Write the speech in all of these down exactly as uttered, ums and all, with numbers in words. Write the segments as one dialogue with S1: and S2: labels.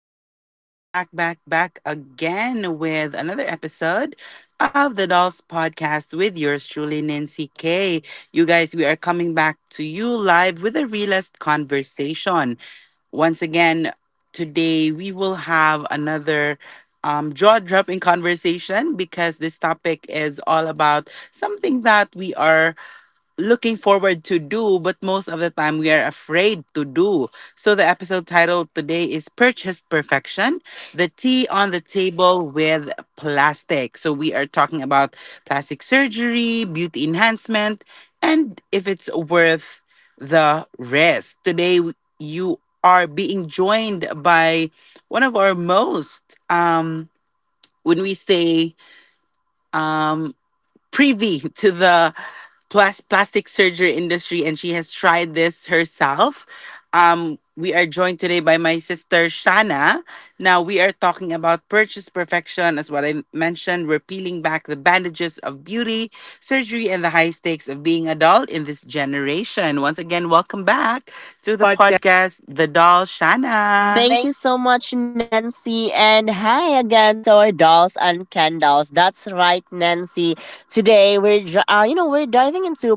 S1: K, and we are back, back, back again with another episode of the Dolls Podcast with yours truly, Nancy K. You guys, we are coming back to you live with a realist conversation. Once again, today we will have another um, jaw dropping conversation because this topic is all about something that we are looking forward to do, but most of the time we are afraid to do. So the episode title today is "Purchased Perfection, the tea on the table with plastic." So we are talking about plastic surgery, beauty enhancement, and if it's worth the risk. Today w- you are being joined by one of our most um when we say um privy to the plas- plastic surgery industry, and she has tried this herself. Um, we are joined today by my sister Shana. Now we are talking about purchase perfection, as what I mentioned. We're peeling back the bandages of beauty, surgery, and the high stakes of being a doll in this generation. Once again, welcome back
S2: Do
S1: to
S2: the
S1: the
S2: podcast.
S1: podcast, The Doll Shana.
S2: Thank you so much, Nancy. And hi again to our dolls and Ken dolls. That's right, Nancy. Today we're dr- uh, you know we're diving into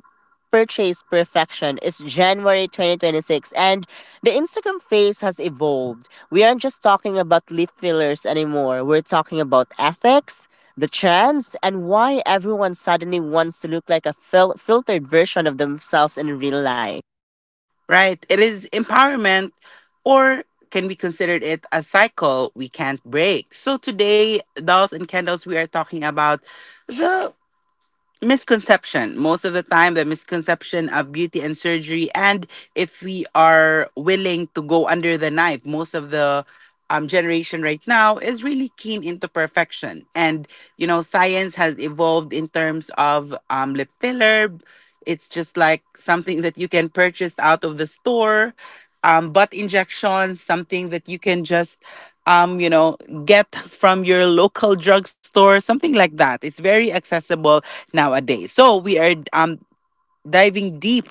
S2: purchase perfection. It's January twenty twenty-six, and the Instagram face has evolved. We aren't just talking about lip fillers anymore. We're talking about ethics, the trends, and why everyone suddenly wants to look like a fil- filtered version of themselves in real life.
S1: Right? It is empowerment, or can we consider it a cycle we can't break? So, today, dolls and candles, we are talking about misconception. Most of the time, the misconception of beauty and surgery, and if we are willing to go under the knife, most of the um, generation right now is really keen into perfection. And, you know, science has evolved in terms of um, lip filler. It's just like something that you can purchase out of the store, um, butt injection, something that you can just, um, you know, get from your local drugstore, something like that. It's very accessible nowadays. So we are um, diving deep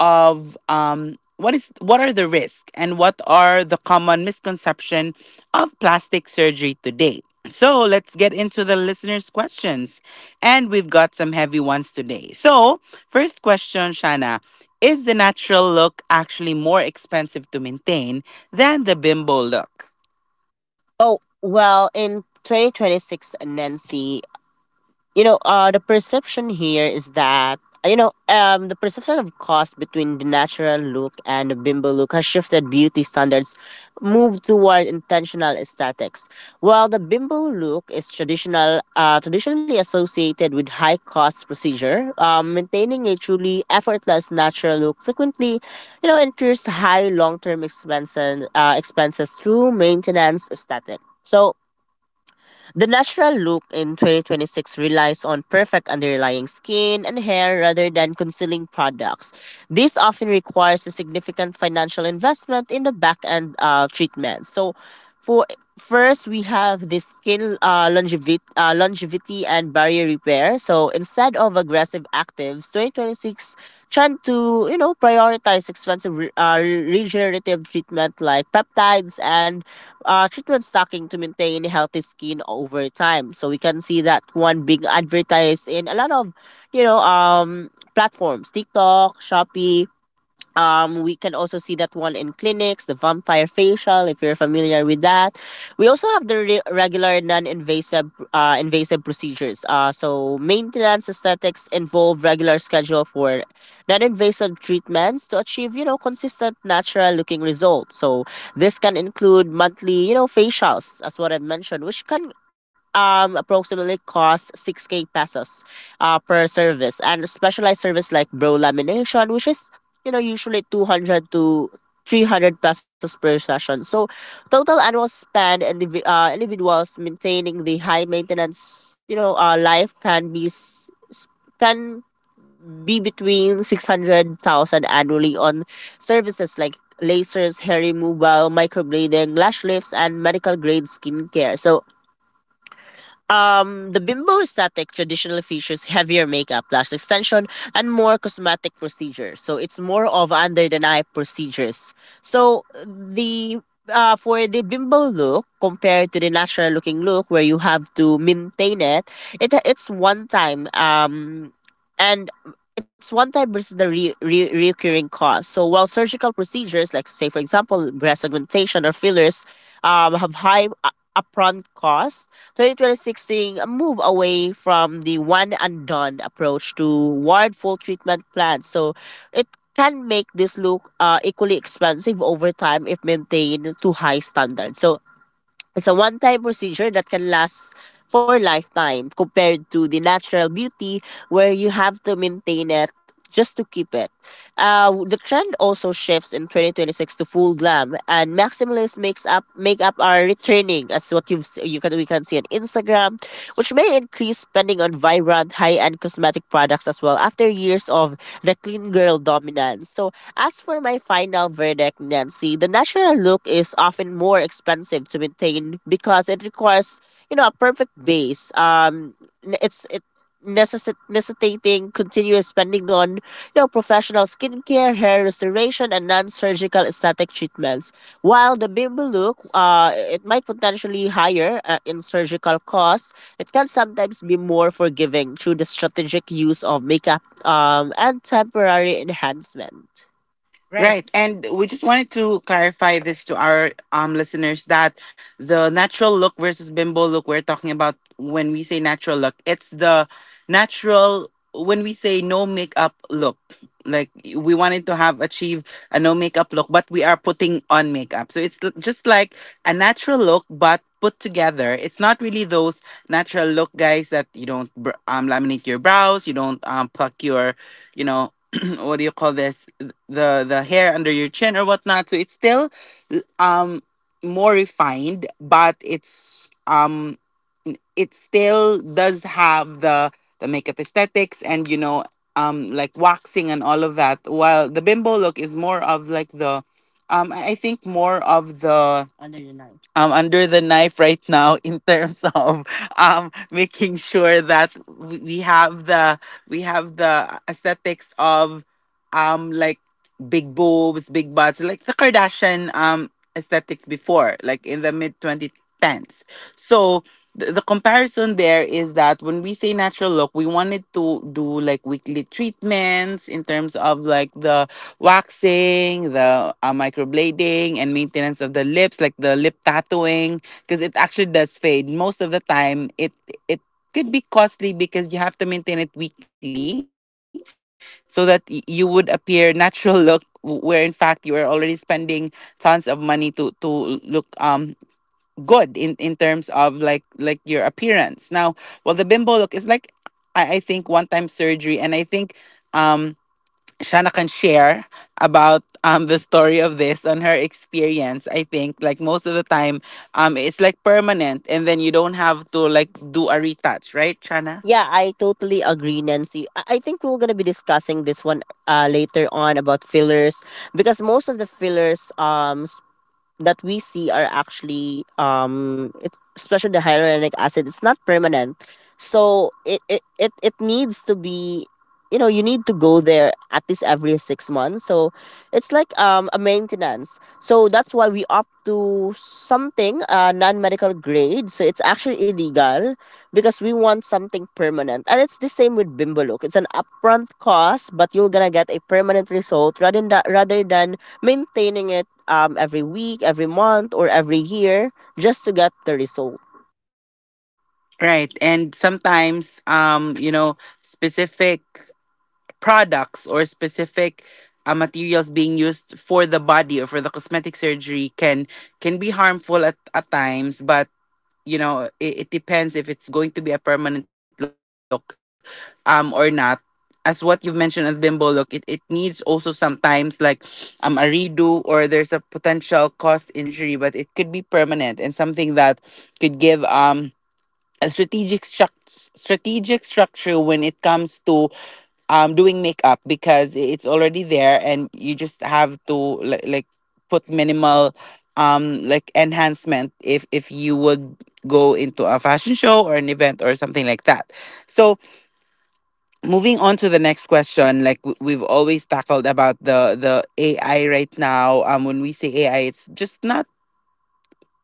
S1: of um, what is what are the risks and what are the common misconception of plastic surgery today. So let's get into the listeners' questions, and we've got some heavy ones today. So first question, Shana, is the natural look actually more expensive to maintain than the bimbo look?
S2: Oh, well, in twenty twenty-six, Nancy, you know, uh, the perception here is that uh, you know, um, the perception of cost between the natural look and the bimbo look has shifted beauty standards, moved toward intentional aesthetics. While the bimbo look is traditional, uh, traditionally associated with high cost procedure, um, maintaining a truly effortless natural look frequently, you know, incurs high long term expenses, uh, expenses through maintenance aesthetic. So the natural look in twenty twenty-six relies on perfect underlying skin and hair rather than concealing products. This often requires a significant financial investment in the back end uh, treatment. So, for first we have the skin uh, longevity, uh, longevity and barrier repair. So instead of aggressive actives, twenty twenty-six trend to you know prioritize expensive re- uh, regenerative treatment like peptides and uh, treatment stocking to maintain healthy skin over time. So we can see that one being advertised in a lot of, you know, um, platforms: TikTok, Shopee. Um, we can also see that one in clinics, the vampire facial, if you're familiar with that. We also have the re- regular non-invasive uh, invasive procedures. Uh, so maintenance aesthetics involve regular schedule for non-invasive treatments to achieve, you know, consistent natural looking results. So this can include monthly, you know, facials, as what I've mentioned, which can um, approximately cost six k pesos uh, per service, and specialized service like brow lamination, which is you know, usually two hundred to three hundred pesos per session. So, total annual spend and the uh, individuals maintaining the high maintenance, you know, uh, life can be s- s- can be between six hundred thousand annually on services like lasers, hair removal, microblading, lash lifts, and medical grade skincare. So, um, the bimbo aesthetic traditionally features heavier makeup, lash extension, and more cosmetic procedures. So it's more of under the knife procedures. So the uh, for the bimbo look compared to the natural looking look where you have to maintain it, it it's one time um and it's one time versus the re- re- recurring cost. So while surgical procedures like say for example breast augmentation or fillers um have high uh, upfront costs, twenty twenty-six seeing a move away from the one and done approach toward full treatment plans. So it can make this look uh, equally expensive over time if maintained to high standards. So it's a one time procedure that can last for lifetime compared to the natural beauty where you have to maintain it just to keep it. Uh, the trend also shifts in twenty twenty-six to full glam and maximalism. Makes up make up are returning as what you've s- you can we can see on Instagram, which may increase spending on vibrant high end cosmetic products as well after years of the clean girl dominance. So, as for my final verdict, Nancy, the natural look is often more expensive to maintain because it requires, you know, a perfect base. Um, n- it's it necessi- necessitating continuous spending on, you know, professional skincare, hair restoration, and non-surgical aesthetic treatments. While the bimbo look, uh, it might potentially higher uh, in surgical costs, it can sometimes be more forgiving through the strategic use of makeup um, and temporary enhancement. Right.
S1: Right. And we just wanted to clarify this to our um listeners that the natural look versus bimbo look, we're talking about when we say natural look, it's the natural when we say no makeup look. Like, we wanted to have achieved a no makeup look, but we are putting on makeup. So it's l- just like a natural look, but put together. It's not really those natural look guys that you don't br- um laminate your brows, you don't um pluck your, you know, what do you call this? the the hair under your chin or whatnot. So it's still um more refined, but it's um it still does have the the makeup aesthetics and, you know, um like waxing and all of that. While the bimbo look is more of like the um I think more of the um under the knife right now in terms of um making sure that we we have the we have the aesthetics of um like big boobs, big butts, like the Kardashian um aesthetics before, like in the mid twenty tens. So the, the comparison there is that when we say natural look, we wanted to do like weekly treatments in terms of like the waxing, the uh, microblading, and maintenance of the lips, like the lip tattooing, because it actually does fade. Most of the time, it it could be costly because you have to maintain it weekly so that y- you would appear natural look w- where in fact you are already spending tons of money to to look um good in in terms of like like your appearance now. Well, the bimbo look is like i, I think one time surgery, and I think um Shana can share about um the story of this on her experience. I think, like, most of the time, um it's like permanent, and then you don't have to like do a retouch, right, Shana?
S2: Yeah, I totally agree, Nancy. I I think we're gonna be discussing this one uh, later on about fillers, because most of the fillers um that we see are actually um, it's especially the hyaluronic acid, it's not permanent, so it, it it it needs to be, you know, you need to go there at least every six months. So it's like um a maintenance, so that's why we opt to something uh non-medical grade, so it's actually illegal because we want something permanent. And it's the same with bimbaluk: it's an upfront cost, but you're gonna get a permanent result rather than rather than maintaining it um, every week, every month, or every year just to get the result.
S1: Right, and sometimes um you know specific products or specific uh, materials being used for the body or for the cosmetic surgery can can be harmful at, at times, but you know it, it depends if it's going to be a permanent look um or not. As what you've mentioned at bimbo look, it, it needs also sometimes like um a redo, or there's a potential cost in surgery, but it could be permanent and something that could give um a strategic struct- strategic structure when it comes to um doing makeup because it's already there and you just have to like, like put minimal um like enhancement if if you would go into a fashion show or an event or something like that. So moving on to the next question, like, w- we've always tackled about the the AI right now. Um when we say AI, it's just not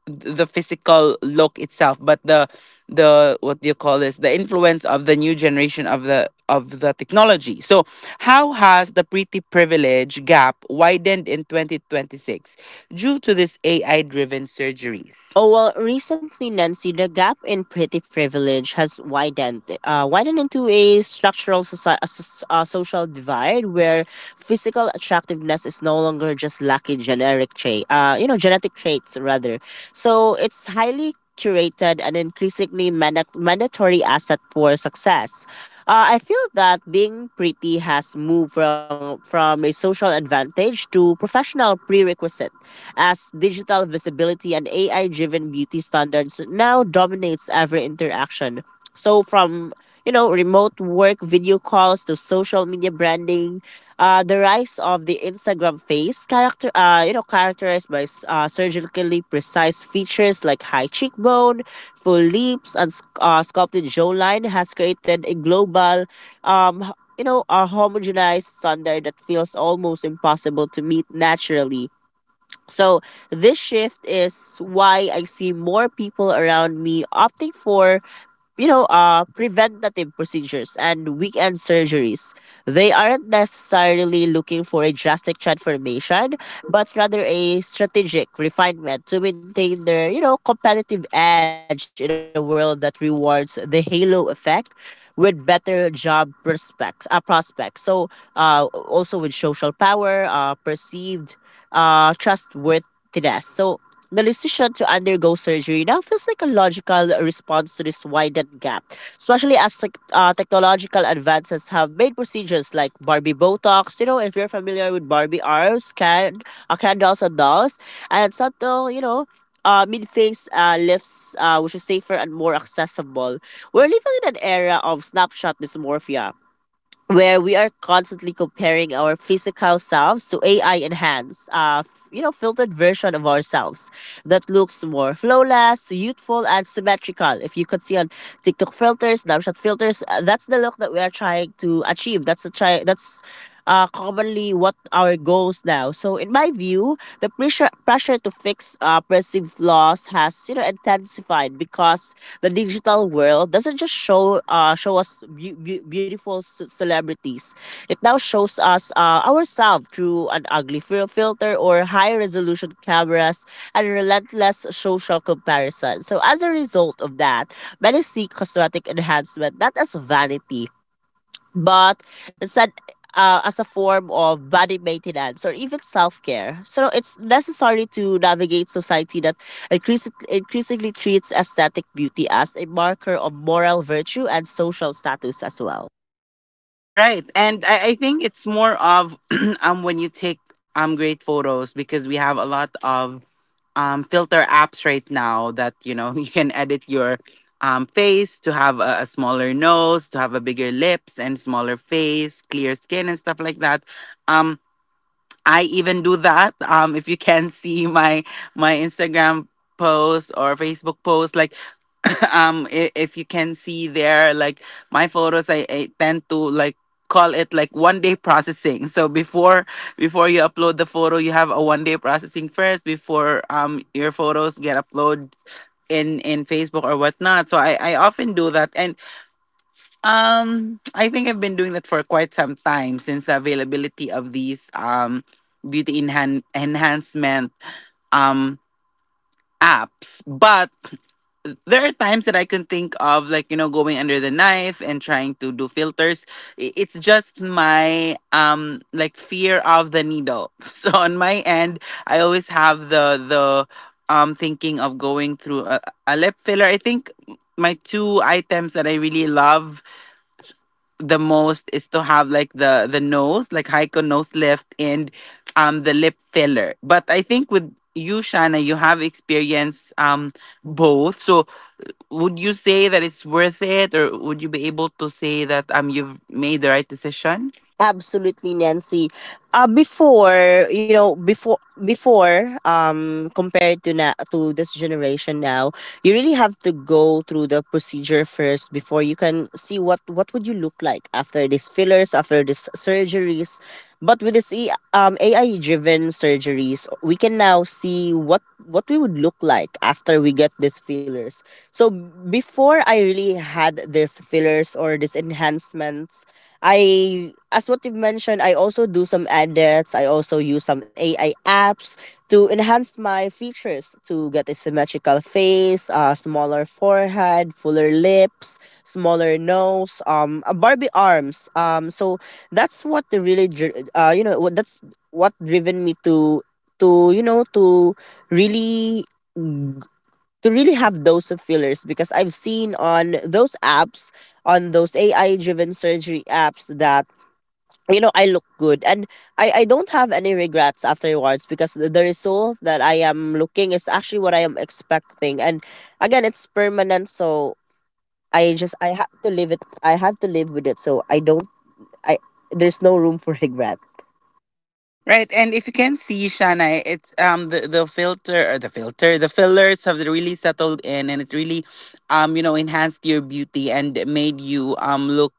S1: the physical look itself, but the the what do you call this, the influence of the new generation of the of the technology. So how has the pretty privilege gap widened in twenty twenty-six due to this AI driven surgeries?
S2: Oh well, recently Nancy, the gap in pretty privilege has widened, uh, widened into a structural soci- a soc- uh, social divide where physical attractiveness is no longer just lucky generic trait, uh, you know, genetic traits rather. So it's highly curated, and increasingly manda- mandatory asset for success. Uh, I feel that being pretty has moved from, from a social advantage to professional prerequisite, as digital visibility and A I driven beauty standards now dominates every interaction. So from you know remote work video calls to social media branding, uh, the rise of the Instagram face character, uh, you know, characterized by s- uh, surgically precise features like high cheekbone, full lips, and s- uh, sculpted jawline, has created a global, um, h- you know, a homogenized standard that feels almost impossible to meet naturally. So this shift is why I see more people around me opting for you know, uh, preventative procedures and weekend surgeries. They aren't necessarily looking for a drastic transformation, but rather a strategic refinement to maintain their, you know, competitive edge in a world that rewards the halo effect with better job prospects. Uh, prospects. So, uh, also with social power, uh, perceived uh, trustworthiness. So the decision to undergo surgery now feels like a logical response to this widened gap, especially as tech uh, technological advances have made procedures like Barbie Botox. You know, if you're familiar with Barbie arms, can uh, candles and dolls, and subtle, you know, uh, mid-face uh, lifts, uh, which is safer and more accessible. We're living in an era of snapshot dysmorphia, where we are constantly comparing our physical selves to A I enhanced, uh, f- you know, filtered version of ourselves that looks more flawless, youthful, and symmetrical. If you could see on TikTok filters, Snapchat filters, uh, that's the look that we are trying to achieve. That's the try. That's uh, commonly what our goals now. So in my view, the pressure pressure to fix uh, perceived flaws has you know intensified because the digital world doesn't just show uh, show us beau- beau- beautiful c- celebrities. It now shows us uh, ourselves through an ugly fil- filter or high resolution cameras and relentless social comparison. So as a result of that, many see cosmetic enhancement not as vanity but instead uh, as a form of body maintenance or even self-care. So it's necessary to navigate society that increasing, increasingly treats aesthetic beauty as a marker of moral virtue and social status as well.
S1: Right. And I, I think it's more of um when you take um great photos because we have a lot of um filter apps right now that, you know, you can edit your um face to have a, a smaller nose, to have a bigger lips and smaller face, clear skin and stuff like that. Um. I even do that. Um, if you can see my my Instagram post or Facebook post, like, um, if, if you can see there, like my photos, I, I tend to like call it like one day processing. So before before you upload the photo, you have a one day processing first before um your photos get uploaded in in Facebook or whatnot. So I I often do that, and um, I think I've been doing that for quite some time since the availability of these um beauty enhan- enhancement um apps. But there are times that I can think of like, you know, going under the knife and trying to do filters. I- It's just my um like fear of the needle. So on my end, I always have the the um thinking of going through a, a lip filler. I think my two items that I really love the most is to have like the the nose, like Heiko nose lift and um the lip filler. But I think with you, Shana, you have experience um both. So would you say that it's worth it, or would you be able to say that um you've made the right decision?
S2: Absolutely, Nancy. Uh, before you know, before before um compared to na- to this generation now, you really have to go through the procedure first before you can see what what would you look like after these fillers, after these surgeries. But with this e- um A I driven surgeries, we can now see what what we would look like after we get these fillers. So before I really had these fillers or these enhancements, I as what you've mentioned, I also do some edits. I also use some A I apps to enhance my features to get a symmetrical face, a smaller forehead, fuller lips, smaller nose, um, a Barbie arms. Um, so that's what the really, dri- uh, you know, what that's what driven me to to you know to really to really have those fillers, because I've seen on those apps, on those A I driven surgery apps that you know I look good, and I, I don't have any regrets afterwards because the, the result that I am looking is actually what I am expecting. And again it's permanent, so I just I have to live it. I have to live with it, so I don't I there's no room for regret.
S1: Right, and if you can see Shana, it's um the the filter or the filter the fillers have really settled in, and it really, um you know enhanced your beauty and made you um look,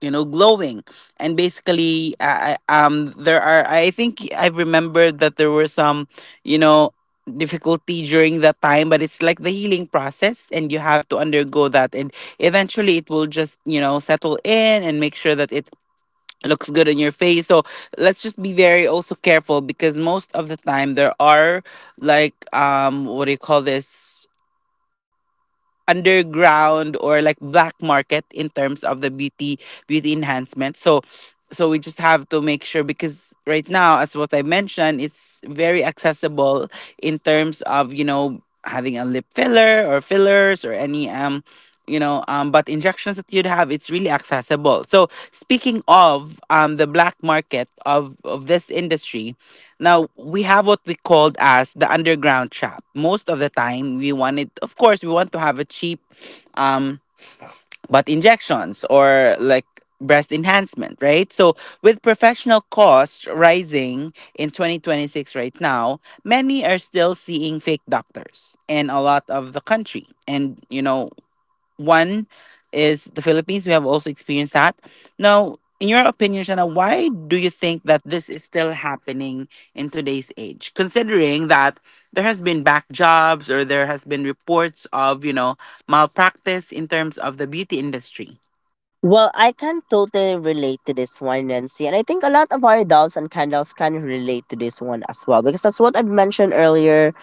S1: you know, glowing. And basically, uh, um there are, I think I remember that there were some, you know, difficulty during that time, but it's like the healing process, and you have to undergo that, and eventually it will just, you know, settle in and make sure that it looks good on your face. So let's just be very also careful because most of the time there are like um what do you call this, underground or like black market in terms of the beauty beauty enhancement. So so we just have to make sure because right now, as what I mentioned, it's very accessible in terms of, you know, having a lip filler or fillers or any um you know um but injections that you'd have. It's really accessible. So speaking of um the black market of of this industry now, we have what we called as the underground shop. Most of the time, we wanted, of course, we want to have a cheap um, butt injections or like breast enhancement, right? So, with professional costs rising in twenty twenty-six right now, many are still seeing fake doctors in a lot of the country. And, you know, one is the Philippines. We have also experienced that. Now, in your opinion, Shana, why do you think that this is still happening in today's age? Considering that there has been back jobs or there has been reports of, you know, malpractice in terms of the beauty industry.
S2: Well, I can totally relate to this one, Nancy. And I think a lot of our dolls and candles can relate to this one as well, because that's what I've mentioned earlier.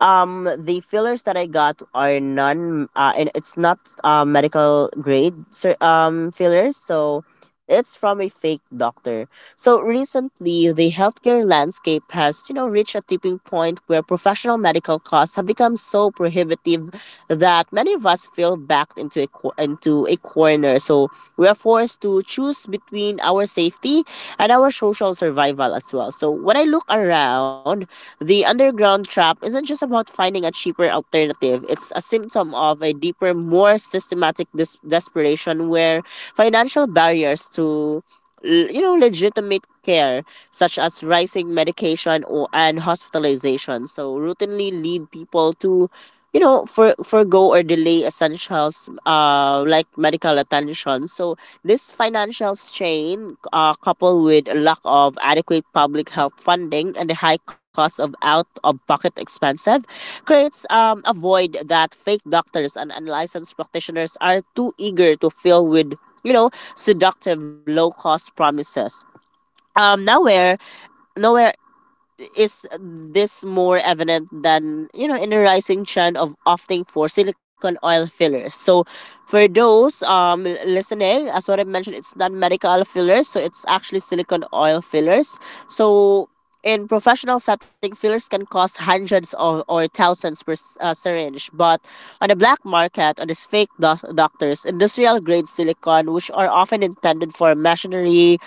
S2: Um, the fillers that I got are non uh, and it's not uh, medical grade cer- um fillers, so it's from a fake doctor. So recently, the healthcare landscape has, you know, reached a tipping point where professional medical costs have become so prohibitive that many of us feel backed into a cor- into a corner. So we are forced to choose between our safety and our social survival as well. So when I look around, the underground trap isn't just about finding a cheaper alternative. It's a symptom of a deeper, more systematic dis- desperation where financial barriers to l- you know legitimate care such as rising medication or and hospitalization so routinely lead people to you know for forego or delay essentials uh like medical attention. So this financial strain, uh, coupled with a lack of adequate public health funding and the high cost of out of pocket expensive, creates um, a void that fake doctors and unlicensed practitioners are too eager to fill with you know seductive low cost promises. um nowhere Nowhere is this more evident than you know in a rising trend of opting for silicone oil fillers. So for those um l- listening, as what I mentioned, it's not medical fillers, so it's actually silicone oil fillers. So in professional setting, fillers can cost hundreds or, or thousands per s- uh, syringe, but on the black market, on these fake doc- doctors, industrial grade silicone, which are often intended for machinery,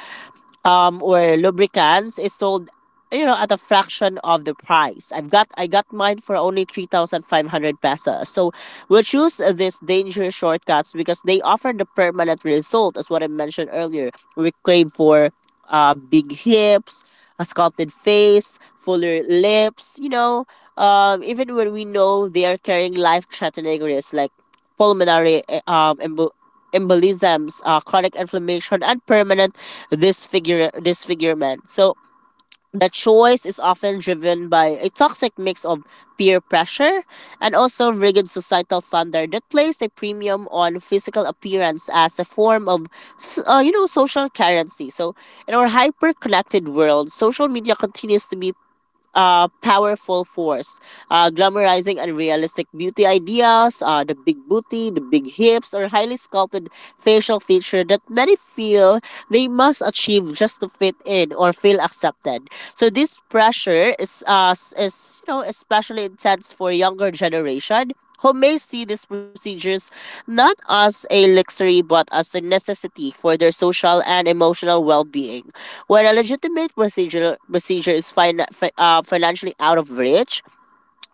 S2: um, or lubricants, is sold, you know at a fraction of the price. I've got i got mine for only three thousand five hundred pesos. So we'll choose uh, these dangerous shortcuts because they offer the permanent result. As what I mentioned earlier, we crave for uh big hips, a sculpted face, fuller lips, you know, um even when we know they are carrying life threatening risks like pulmonary eh, um embo- embolisms, uh, chronic inflammation, and permanent disfigure disfigurement. So the choice is often driven by a toxic mix of peer pressure and also rigid societal standard that place a premium on physical appearance as a form of s- uh, you know, social currency. So in our hyper-connected world, social media continues to be uh, powerful force, uh, glamorizing unrealistic beauty ideas, uh, the big booty, the big hips, or highly sculpted facial feature that many feel they must achieve just to fit in or feel accepted. So this pressure is uh, process is, you know, especially intense for younger generation who may see these procedures not as a luxury but as a necessity for their social and emotional well-being. When a legitimate procedure procedure is fin- fi- uh, financially out of reach,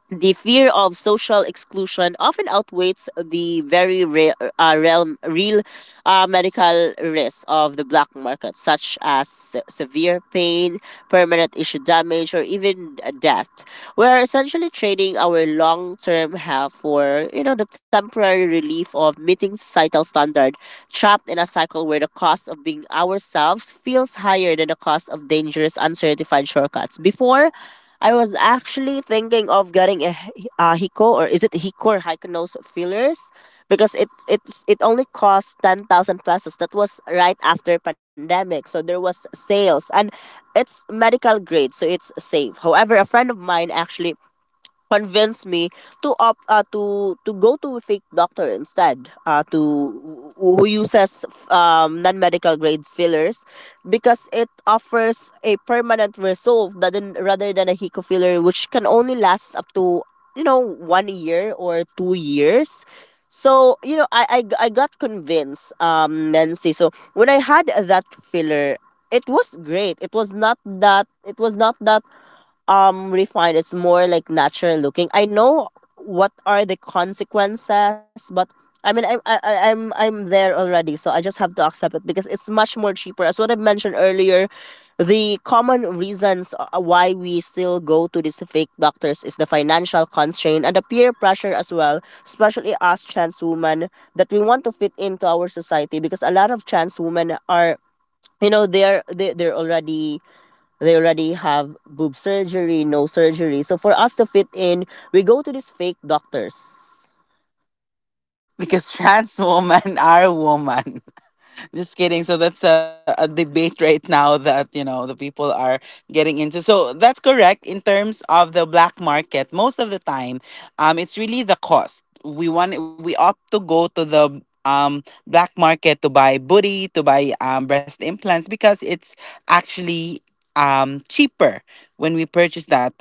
S2: the fear of social exclusion often outweighs the very re- uh, realm, real uh, medical risks of the black market, such as se- severe pain, permanent issue damage, or even death. We are essentially trading our long-term health for, you know, the temporary relief of meeting societal standard, trapped in a cycle where the cost of being ourselves feels higher than the cost of dangerous, uncertified shortcuts. Before, I was actually thinking of getting a a, h- a Hiko, or is it Hiko, or Hiko nose fillers, because it it's it only costs ten thousand pesos. That was right after pandemic, so there was sales and it's medical grade, so it's safe. However, a friend of mine actually convinced me to opt uh, to to go to a fake doctor instead, uh, to who uses um, non-medical grade fillers, because it offers a permanent result that than- rather than a Hiko filler, which can only last up to, you know, one year or two years. So, you know, i i, I got convinced, um Nancy. So when I had that filler, it was great. It was not that it was not that um refined, it's more like natural looking. I know what are the consequences, but I mean, I'm, I, I- I'm i'm there already, so I just have to accept it because it's much more cheaper. As what I mentioned earlier, the common reasons uh, why we still go to these fake doctors is the financial constraint and the peer pressure as well, especially us trans women, that we want to fit into our society because a lot of trans women are, you know they're they, they're already they already have boob surgery, nose surgery. So for us to fit in, we go to these fake doctors,
S1: Because trans women are women. Just kidding. So that's a, a debate right now that, you know, the people are getting into. So that's correct in terms of the black market. Most of the time, um, it's really the cost. We want we opt to go to the um black market to buy booty, to buy um breast implants because it's actually um cheaper when we purchase that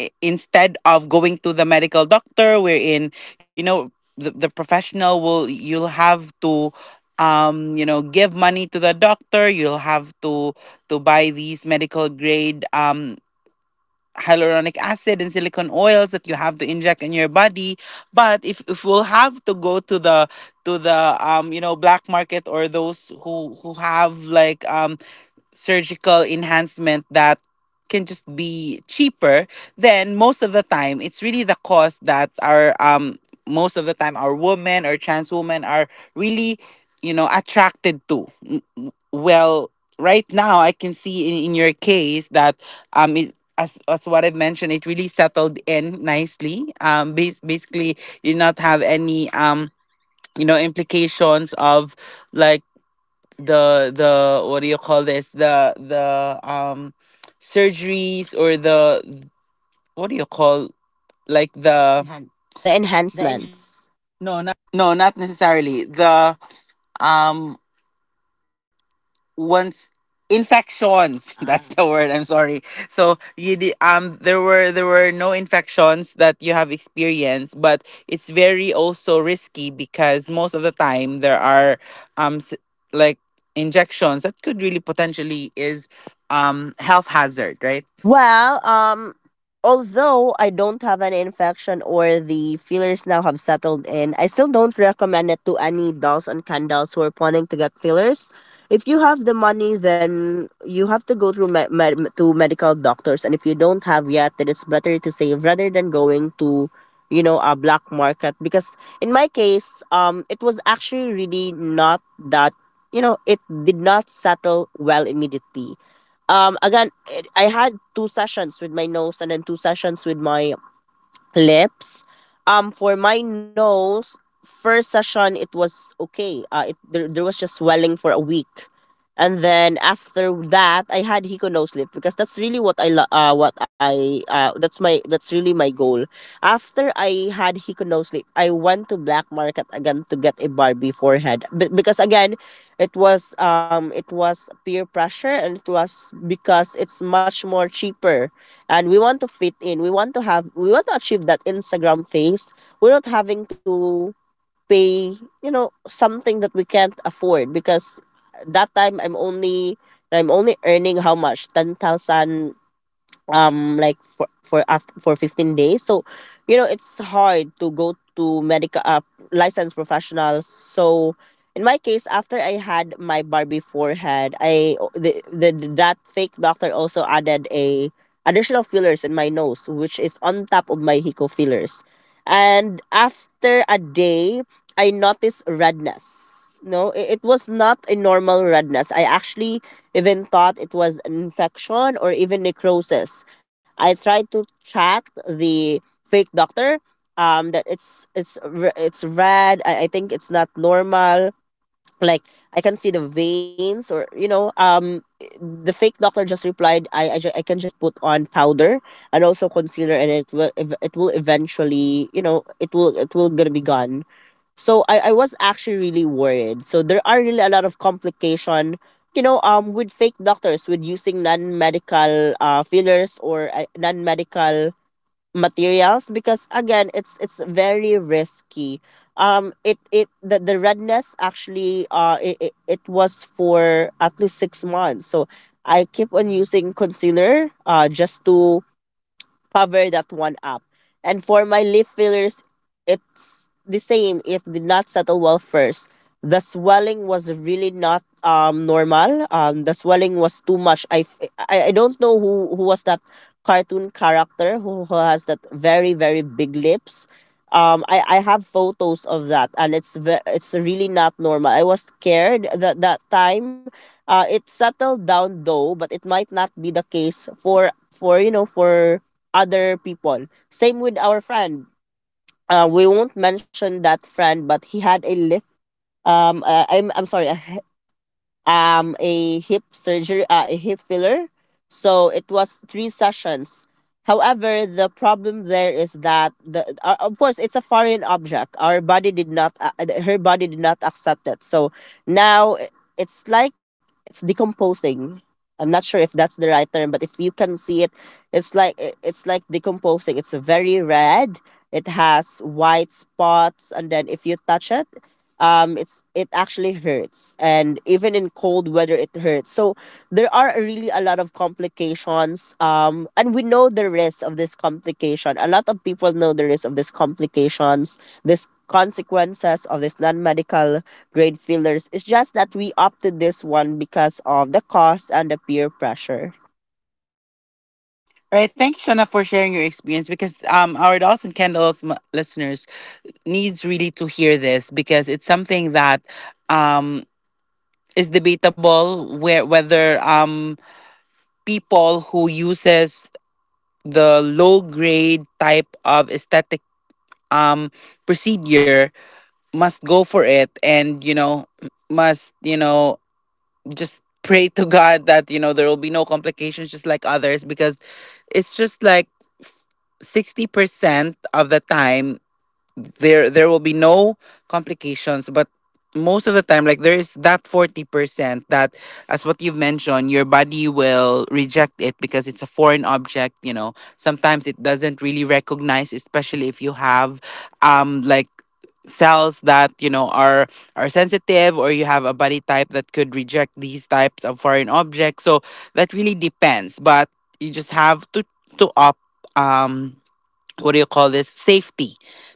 S1: i- instead of going to the medical doctor wherein you know the, the professional will you'll have to um you know give money to the doctor, you'll have to to buy these medical grade um hyaluronic acid and silicone oils that you have to inject in your body. But if, if we'll have to go to the to the um you know black market, or those who who have like um surgical enhancement that can just be cheaper, then most of the time it's really the cost that our um most of the time our women or trans women are really you know attracted to. Mm, mm. Well, right now I can see in, in your case that um it, as as what I've mentioned, it really settled in nicely. Um, bas- basically, you not have any um you know implications of, like, the the what do you call this, the the um surgeries, or the what do you call, like, the Hand-
S2: the enhancements. No.
S1: no, not necessarily the um once infections that's Ah, the word. I'm sorry. So you did um there were there were no infections that you have experienced, but it's very also risky because most of the time there are um s- like injections that could really potentially is um health hazard, right?
S2: Well, um, although I don't have an infection or the fillers now have settled in, I still don't recommend it to any dolls and candles who are planning to get fillers. If you have the money, then you have to go through me- med- to medical doctors, and if you don't have yet, then it's better to save rather than going to, you know, a black market. Because in my case, um it was actually really not that you know it did not settle well immediately. Um, again, it, I had two sessions with my nose and then two sessions with my lips. Um, for my nose, first session it was okay. Uh, it there, there was just swelling for a week, and then after that I had Hiko nose lift because that's really what I lo- uh what I uh that's my that's really my goal. After I had Hiko nose lift, I went to black market again to get a Barbie forehead. But because again, it was, um it was peer pressure, and it was because it's much more cheaper and we want to fit in, we want to have, we want to achieve that Instagram face. We're not having to pay, you know, something that we can't afford because that time i'm only I'm only earning how much ten thousand, um like for for after for fifteen days. So, you know, it's hard to go to medical, uh, licensed professionals. So in my case, after I had my Barbie forehead, I the, the that fake doctor also added a additional fillers in my nose, which is on top of my Hiko fillers. And after a day, I noticed redness. No it, it was not a normal redness. I actually even thought it was an infection or even necrosis. I tried to chat the fake doctor, um that it's it's re- it's red. I, I think it's not normal. Like, I can see the veins, or, you know, um the fake doctor just replied, I I, ju- I can just put on powder and also concealer and it will ev- it will eventually, you know it will it will gonna be gone. So I, I was actually really worried. So there are really a lot of complication, you know, um, with fake doctors, with using non-medical, uh, fillers or uh, non-medical materials, because again, it's it's very risky. Um, it it the, the redness actually, uh it, it, it was for at least six months. So I keep on using concealer uh just to cover that one up. And for my leaf fillers, it's the same. It did not settle well first. The swelling was really not um normal. Um, the swelling was too much. I, f- I, I don't know who, who was that cartoon character who, who has that very very big lips. Um, I, I have photos of that, and it's ve- it's really not normal. I was scared that that time. Uh, it settled down though, but it might not be the case for for you know for other people. Same with our friend. Uh, we won't mention that friend, but he had a lift. Um, uh, I'm I'm sorry. Um a hip surgery, uh, a hip filler. So it was three sessions. However, the problem there is that the uh, of course it's a foreign object. Our body did not uh, uh, Her body did not accept it. So now, i- it's like, it's decomposing. I'm not sure if that's the right term, but if you can see it, it's like, i- it's like decomposing. It's very red. It has white spots, and then if you touch it, um it's it actually hurts. And even in cold weather, it hurts. So there are really a lot of complications, um and we know the risk of this complication. A lot of people know the risk of these complications, this consequences of this non-medical grade fillers. It's just that we opted this one because of the cost and the peer pressure.
S1: Right. Thank you, Shana, for sharing your experience because um, our dolls and candles m- listeners needs really to hear this because it's something that um, is debatable where whether um, people who uses the low grade type of aesthetic um, procedure must go for it, and you know m- must, you know just pray to God that you know there will be no complications just like others, because it's just like sixty percent of the time there there will be no complications. But most of the time, like, there is that forty percent that, as what you've mentioned, your body will reject it because it's a foreign object. You know, sometimes it doesn't really recognize, especially if you have um like cells that you know are are sensitive, or you have a body type that could reject these types of foreign objects. So that really depends, but you just have to to opt um what do you call this, safety,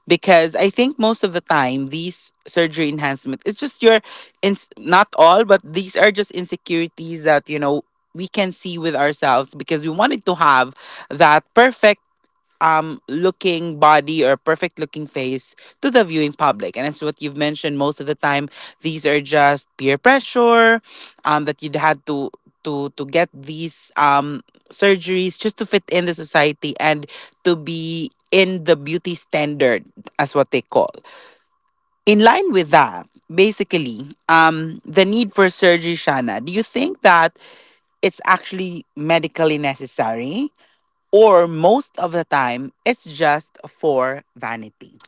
S1: because I think most of the time these surgery enhancement, it's just your ins not all, but these are just insecurities that you know we can see with ourselves because we wanted to have that perfect um looking body or perfect looking face to the viewing public. And as what you've mentioned, most of the time these are just peer pressure um that you'd had to to to get these um surgeries just to fit in the society and to be in the beauty standard, as what they call. In line with that, basically, um the need for surgery, Shana, do you think that it's actually medically necessary, or most of the time it's just for vanity?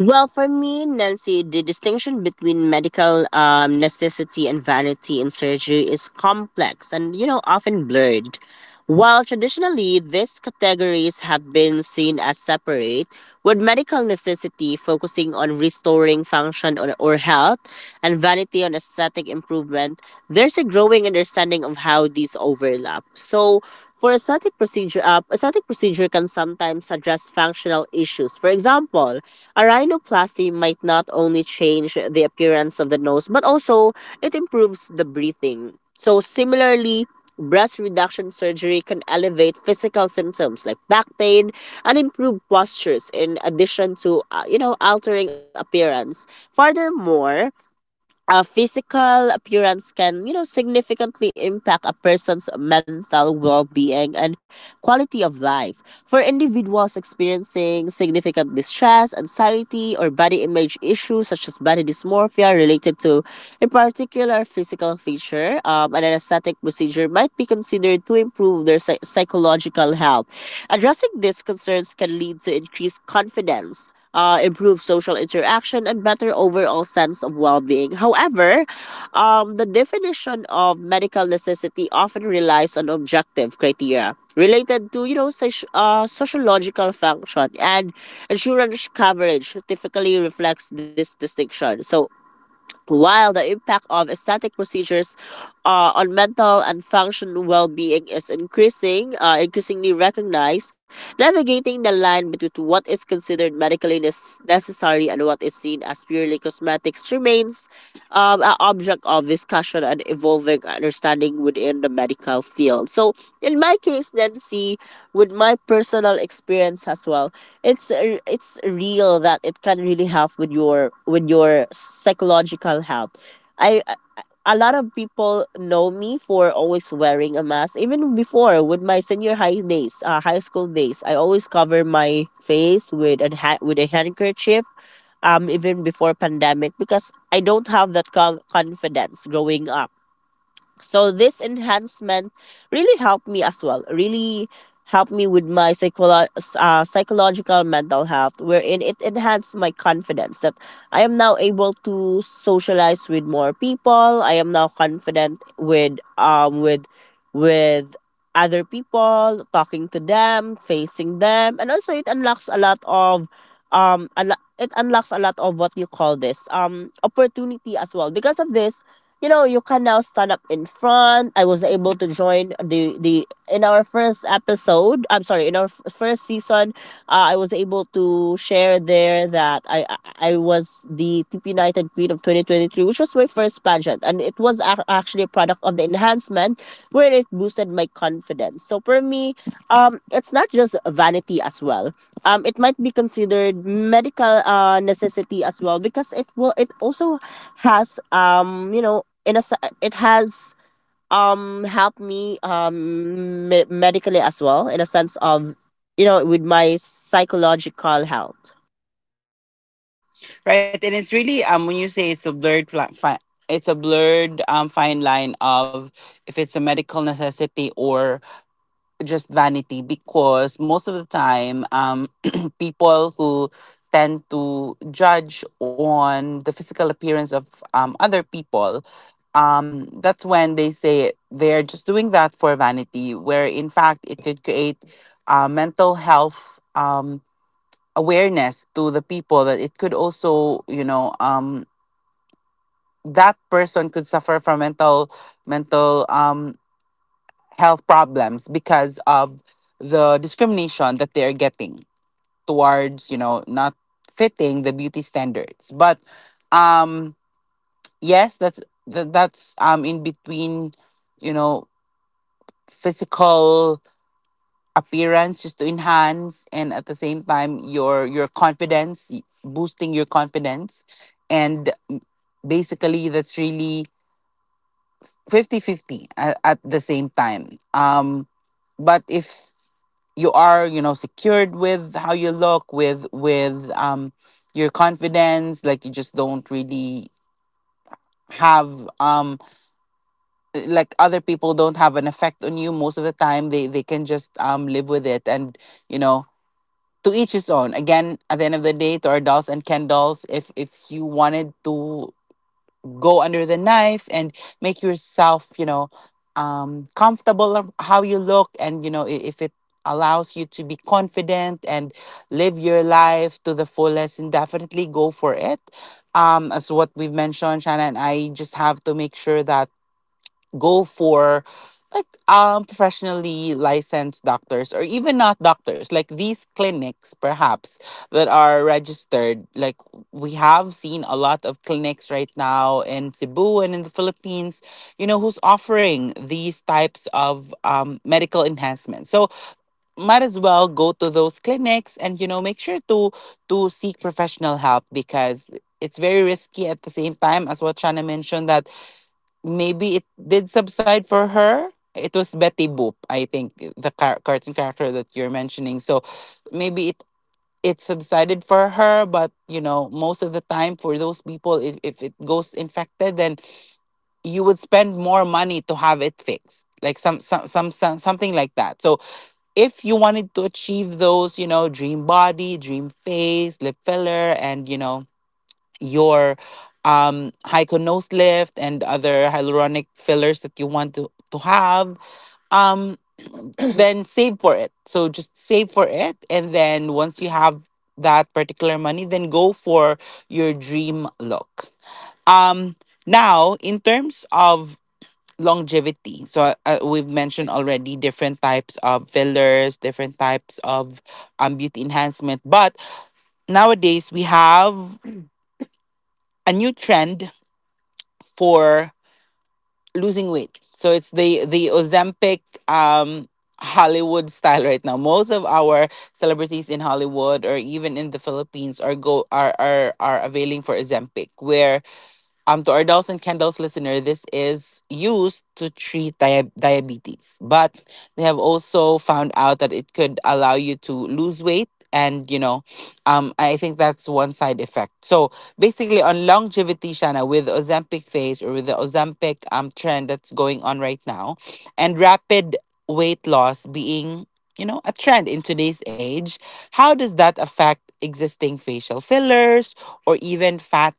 S2: Well, for me, Nancy, the distinction between medical, um, necessity and vanity in surgery is complex and, you know, often blurred. While traditionally these categories have been seen as separate, with medical necessity focusing on restoring function or, or health, and vanity on aesthetic improvement, there's a growing understanding of how these overlap. So, for aesthetic procedure, uh, aesthetic procedure can sometimes address functional issues. For example, a rhinoplasty might not only change the appearance of the nose, but also it improves the breathing. So similarly, breast reduction surgery can elevate physical symptoms like back pain and improve postures in addition to, uh, you know altering appearance. Furthermore, uh, physical appearance can, you know significantly impact a person's mental well-being and quality of life. For individuals experiencing significant distress, anxiety, or body image issues such as body dysmorphia related to a particular physical feature, um, an aesthetic procedure might be considered to improve their psy- psychological health. Addressing these concerns can lead to increased confidence, uh, improve social interaction, and better overall sense of well being. However, um, the definition of medical necessity often relies on objective criteria related to you know soci- uh, sociological function, and insurance coverage typically reflects this distinction. So while the impact of aesthetic procedures uh, on mental and function well-being is increasing, uh, increasingly recognized, navigating the line between what is considered medically nes- necessary and what is seen as purely cosmetics remains um, an object of discussion and evolving understanding within the medical field. So, in my case, Nancy, with my personal experience as well, it's r- it's real that it can really help with your with your psychological health. I I- a lot of people know me for always wearing a mask. Even before with my senior high days, uh, high school days, I always cover my face with a ha- with a handkerchief. Um, even before pandemic, because I don't have that com- confidence growing up. So this enhancement really helped me as well. Really helped me with my psycholo- uh, psychological mental health, wherein it enhanced my confidence that I am now able to socialize with more people. I am now confident with um with with other people, talking to them, facing them. And also it unlocks a lot of um a lo- it unlocks a lot of what you call this um opportunity as well. Because of this, you know, you can now stand up in front. I was able to join the the in our first episode, I'm sorry, in our f- first season, uh, I was able to share there that i i I was the tp united queen of twenty twenty-three, which was my first pageant, and it was ac- actually a product of the enhancement where it boosted my confidence. So for me, um it's not just vanity as well. Um it might be considered medical uh necessity as well, because it will it also has, um you know in a se- it has um helped me, um me- medically as well, in a sense of, you know, with my psychological health.
S1: Right, and it's really um when you say it's a blurred fla- fi- it's a blurred um fine line of if it's a medical necessity or just vanity, because most of the time um people who tend to judge on the physical appearance of um, other people, um, that's when they say they're just doing that for vanity, where in fact it could create uh, mental health um, awareness to the people, that it could also, you know, um, that person could suffer from mental mental um, health problems because of the discrimination that they're getting towards, you know, not fitting the beauty standards. But um, yes, that's that, that's um, in between, you know, physical appearance, just to enhance, and at the same time your your confidence, y- boosting your confidence. And basically that's really fifty fifty at, at the same time, um but if you are, you know, secured with how you look, with with um your confidence, like you just don't really have um like, other people don't have an effect on you, most of the time they they can just um live with it, and you know, to each his own. Again, at the end of the day, to our dolls and Ken dolls, if if you wanted to go under the knife and make yourself, you know, um, comfortable of how you look, and you know, i- if it allows you to be confident and live your life to the fullest, and definitely go for it. Um, as what we've mentioned, Shanna and I, just have to make sure that go for like um professionally licensed doctors, or even not doctors, like these clinics perhaps that are registered, like we have seen a lot of clinics right now in Cebu and in the Philippines, you know, who's offering these types of um, medical enhancements. So might as well go to those clinics and you know make sure to to seek professional help, because it's very risky at the same time, as what Shana mentioned, that maybe it did subside for her. It was Betty Boop, I think, the car- cartoon character that you're mentioning. So maybe it it subsided for her, but you know, most of the time for those people, if, if it goes infected, then you would spend more money to have it fixed, like some, some some some something like that. So if you wanted to achieve those, you know, dream body, dream face, lip filler, and you know your um, Hyco nose lift and other hyaluronic fillers that you want to, to have, um, then save for it. So just save for it. And then once you have that particular money, then go for your dream look. Um, now, in terms of longevity, so uh, we've mentioned already different types of fillers, different types of um, beauty enhancement. But nowadays, we have a new trend for losing weight. So it's the the Ozempic um Hollywood style right now. Most of our celebrities in Hollywood or even in the Philippines are go are are, are availing for Ozempic, where um, to our dolls and candles listener, this is used to treat dia- diabetes, but they have also found out that it could allow you to lose weight. And you know, um, I think that's one side effect. So basically, on longevity, Shana, with Ozempic phase, or with the Ozempic um trend that's going on right now, and rapid weight loss being, you know, a trend in today's age, how does that affect existing facial fillers or even fat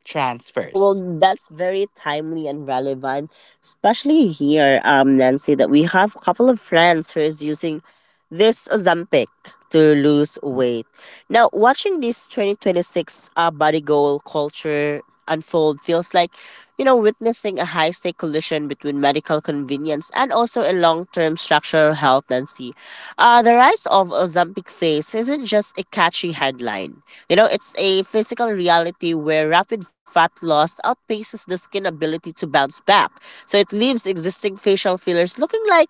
S2: Oh
S1: transfers?
S2: well, that's very timely and relevant, especially here, um, Nancy, that we have a couple of friends who is using this Ozempic to lose weight. Now, watching this twenty twenty-six uh, body goal culture unfold feels like, you know, witnessing a high stake collision between medical convenience and also a long term structural health, Nancy. Uh, the rise of Ozempic face isn't just a catchy headline. You know, it's a physical reality where rapid fat loss outpaces the skin ability to bounce back. So it leaves existing facial fillers looking like,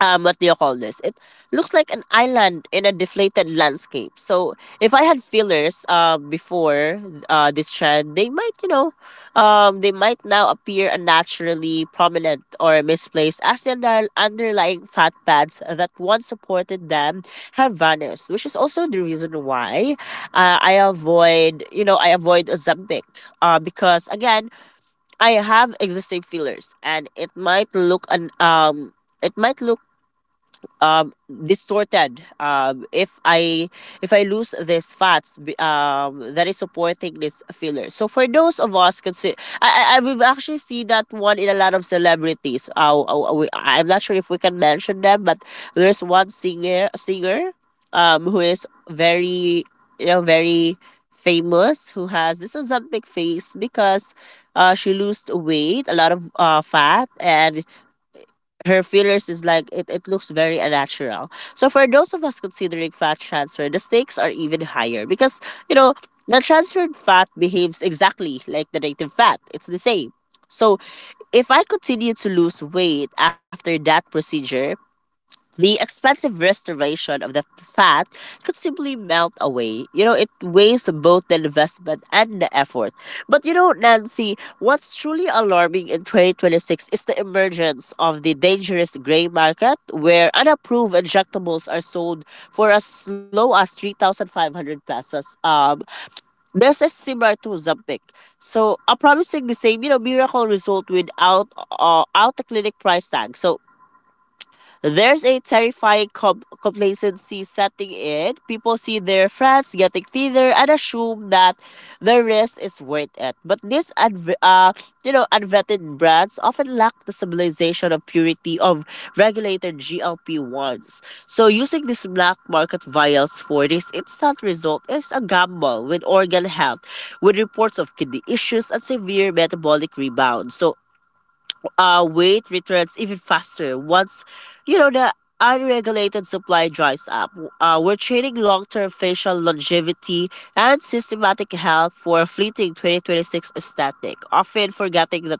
S2: um what do you call this, it looks like an island in a deflated landscape. So if I had fillers uh, before uh, this trend, they might, you know, um, they might now appear unnaturally prominent or misplaced as the under- underlying fat pads that once supported them have vanished, which is also the reason why, uh, I avoid, you know, I avoid ozempic, uh, because again I have existing fillers and it might look an um it might look um, distorted. Um, if I, if I lose these fats, b- um, that is supporting this filler. So for those of us, consider, I, I I- we've actually seen that one in a lot of celebrities. Uh, uh, we, I'm not sure if we can mention them, but there's one singer singer, um, who is very, you know, very famous, who has this Ozempic face because, uh, she lost weight, a lot of uh, fat, and her fillers is like, it, it looks very unnatural. So for those of us considering fat transfer, the stakes are even higher because, you know, the transferred fat behaves exactly like the native fat. It's the same. So if I continue to lose weight after that procedure, the expensive restoration of the fat could simply melt away. You know, it wastes both the investment and the effort. But you know, Nancy, what's truly alarming in twenty twenty-six is the emergence of the dangerous gray market where unapproved injectables are sold for as low as three thousand five hundred pesos. Um, this is similar to Zampic. So, a promising the same, you know, miracle result without, uh, out the clinic price tag. So there's a terrifying com- complacency setting in. People see their friends getting thinner and assume that the risk is worth it. But these unv- uh, you know, unvetted brands often lack the stabilization of purity of regulated G L P ones. So using these black market vials for this instant result is a gamble with organ health, with reports of kidney issues and severe metabolic rebound. So, uh, weight returns even faster once, you know, the unregulated supply dries up. Uh, we're trading long-term facial longevity and systematic health for a fleeting twenty twenty-six aesthetic, often forgetting that,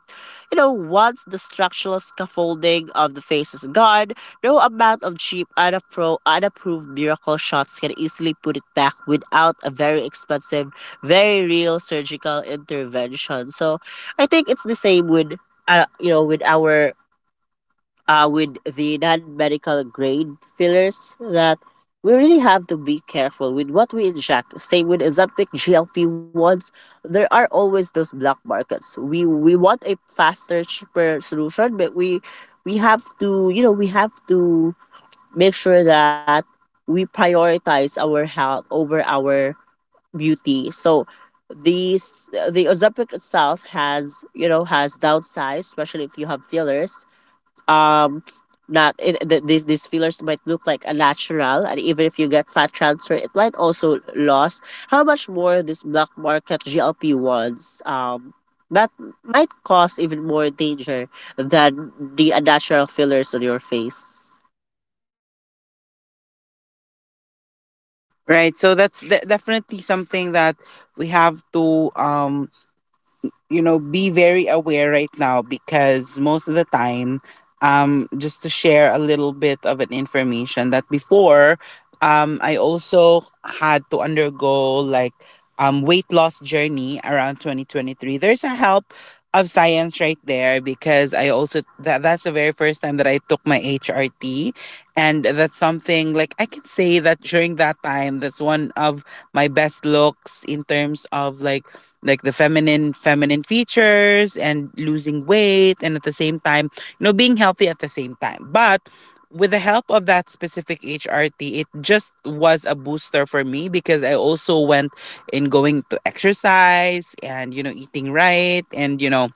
S2: you know, once the structural scaffolding of the face is gone, no amount of cheap unappro- unapproved miracle shots can easily put it back without a very expensive, very real surgical intervention. So I think it's the same with, uh, you know, with our uh with the non-medical grade fillers, that we really have to be careful with what we inject, same with ozempic G L P ones. There are always those black markets. We we want a faster cheaper solution, but we we have to, you know, we have to make sure that we prioritize our health over our beauty. So these, the ozempic itself has, you know, has downsides, especially if you have fillers. Um not it, th- these these fillers might look like a natural, and even if you get fat transfer it might also loss. How much more this black market G L P ones, um that might cause even more danger than the unnatural fillers on your face. Right. So that's de- definitely something that we have to, um you know, be very aware right now, because most of the time, um just to share a little bit of an information that before, um I also had to undergo like, um weight loss journey around twenty twenty-three. There's a help of science right there, because I also, that that's the very first time that I took my H R T. And that's something like, I can say that during that time that's one of my best looks in terms of like like the feminine feminine features and losing weight, and at the same time, you know, being healthy at the same time. But with the help of that specific H R T, it just was a booster for me, because I also went in going to exercise and, you know, eating right and, you know,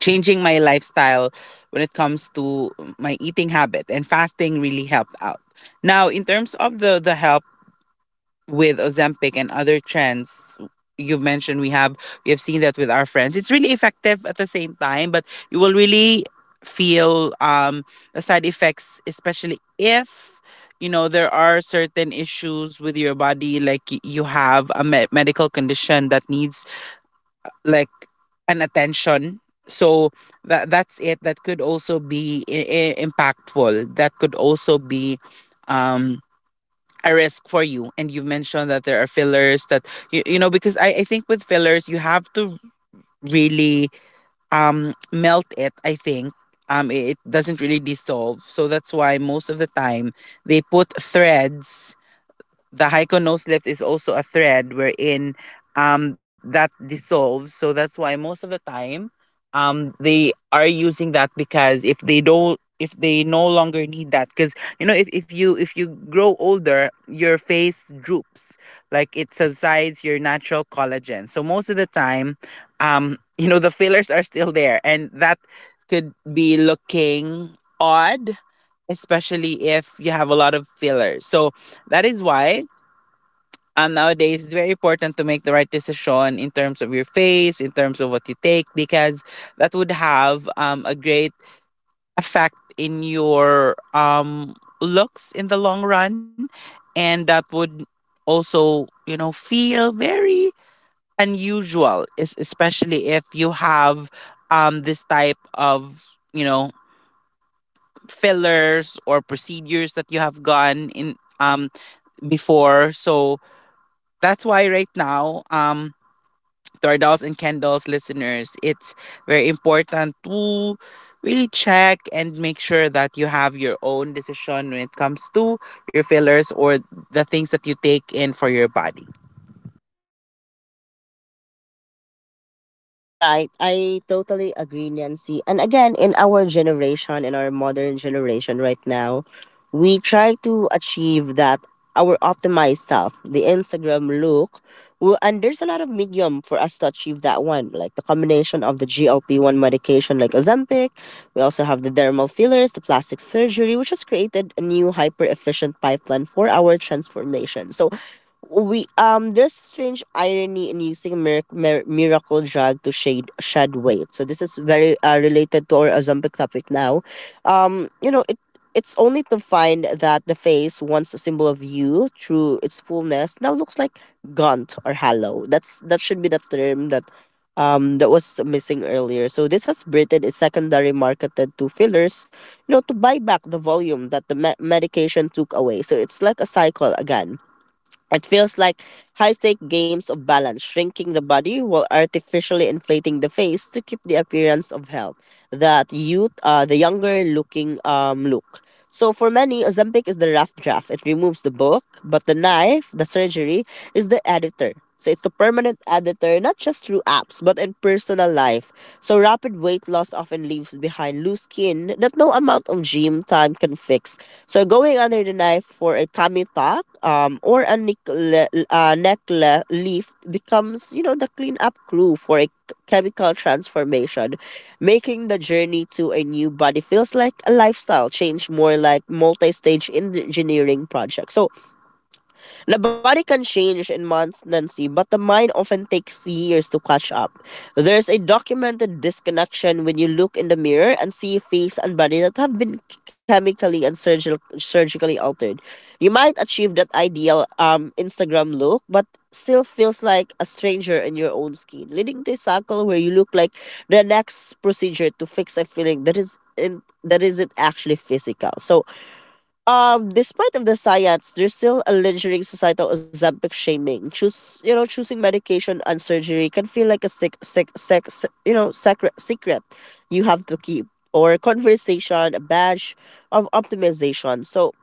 S2: changing my lifestyle when it comes to my eating habit, and fasting really helped out. Now, in terms of the, the help with Ozempic and other trends you've mentioned, we have we have seen that with our friends. It's really effective at the same time, but you will really feel, um the side effects, especially if, you know, there are certain issues with your body, like y- you have a me- medical condition that needs like an attention. So that that's it, that could also be I- i- impactful, that could also be, um a risk for you. And you mentioned that there are fillers that you, you know, because I, I think with fillers you have to really, um melt it, I think. Um it it doesn't really dissolve, so that's why most of the time they put threads. The Heiko Nose Lift is also a thread, wherein, um that dissolves. So that's why most of the time, um they are using that, because if they don't, if they no longer need that, because, you know, if, if you if you grow older your face droops, like it subsides your natural collagen. So most of the time, um you know, the fillers are still there, and that could be looking odd, especially if you have a lot of fillers. So that is why, um, nowadays it's very important to make the right decision in terms of your face, in terms of what you take, because that would have, um, a great effect in your, um, looks in the long run. And that would also, you know, feel very unusual, es- especially if you have, um, this type of, you know, fillers or procedures that you have gone in, um, before. So that's why right now, um, to our dolls and candles listeners, it's very important to really check and make sure that you have your own decision when it comes to your fillers or the things that you take in for your body. Right. I totally agree, Nancy. And again, in our generation, in our modern generation right now, we try to achieve that our optimized self, the Instagram look. Well, and there's a lot of medium for us to achieve that one, like the combination of the G L P one medication like Ozempic. We also have the dermal fillers, the plastic surgery, which has created a new hyper-efficient pipeline for our transformation. So we, um there's strange irony in using mir- mir- miracle drug to shade shed weight. So this is very uh, related to our Ozempic topic now. Um, you know it. It's only to find that the face, once a symbol of you through its fullness, now looks like gaunt or hollow. That's that should be the term that um that was missing earlier. So this has Britain is secondary marketed to fillers, you know, to buy back the volume that the me- medication took away. So it's like a cycle again, it feels like high stake games of balance, shrinking the body while artificially inflating the face to keep the appearance of health, that youth, uh, the younger looking um, look. So for many, Ozempic is the rough draft. It removes the book, but the knife, the surgery, is the editor. So it's the permanent editor, not just through apps, but in personal life. So rapid weight loss often leaves behind loose skin that no amount of gym time can fix, so going under the knife for a tummy tuck um, or a neckle- uh, neck le- lift becomes, you know, the cleanup crew for a c- chemical transformation, making the journey to a new body feels like a lifestyle change, more like multi-stage engineering project. So the body can change in months, Nancy, but the mind often takes years to catch up. There's a documented disconnection when you look in the mirror and see a face and body that have been chemically and surgical, surgically altered. You might achieve that ideal um, Instagram look, but still feels like a stranger in your own skin, leading to a cycle where you look like the next procedure to fix a feeling that is in that isn't actually physical. So um, despite of the science, there's still a lingering societal Ozempic shaming. Choose, you know, choosing medication and surgery can feel like a sick, sick, sec, you know, secret, secret you have to keep, or a conversation, a badge of optimization. So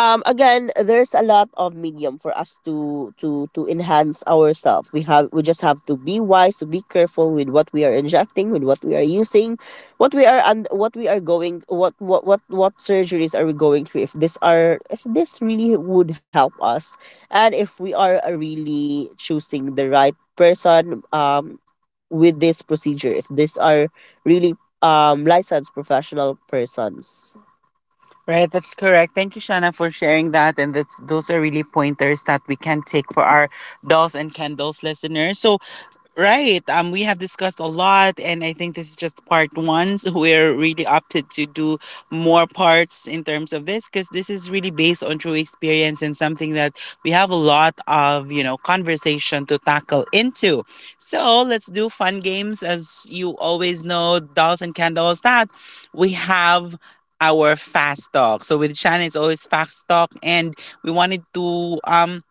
S2: um, again, there's a lot of medium for us to to to enhance ourselves. We have we just have to be wise, to be careful with what we are injecting, with what we are using, what we are and what we are going, what what what what surgeries are we going through? If this are if this really would help us, and if we are uh, really choosing the right person, um, with this procedure, if these are really um licensed professional persons. Right, that's correct. Thank you, Shana, for sharing that. And that's, those are really pointers that we can take for our dolls and candles listeners. So, right. Um, we have discussed a lot, and I think this is just part one. So we're really opted to do more parts in terms of this because this is really based on true experience and something that we have a lot of, you know, conversation to tackle into. So let's do fun games. As you always know, dolls and candles, that we have our fast talk. So with Shannon, it's always fast talk, and we wanted to um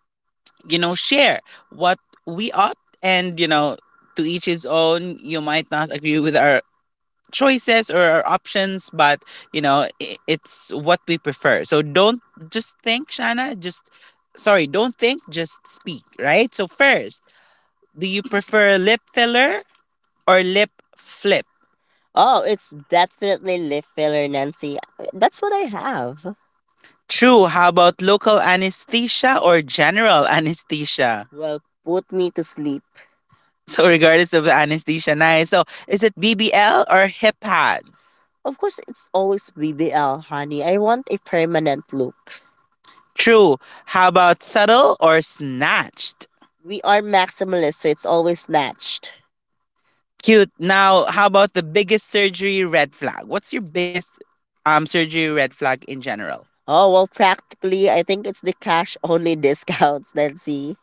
S2: you know share what we opt, and you know to each his own, you might not agree with our choices or our options, but you know i- it's what we prefer. So don't just think, Shana, just, sorry, don't think, just speak. Right, so first, do you prefer lip filler or lip flip? Oh, it's definitely lip filler, Nancy. That's what I have. True. How about local anesthesia or general anesthesia? Well, put me to sleep. So, regardless of the anesthesia, nice. So, is it B B L or hip pads? Of course, it's always B B L, honey. I want a permanent look. True. How about subtle or snatched? We are maximalists, so it's always snatched. Cute. Now, how about the biggest surgery red flag? What's your biggest um surgery red flag in general? Oh, well, practically, I think it's the cash only discounts, Nancy.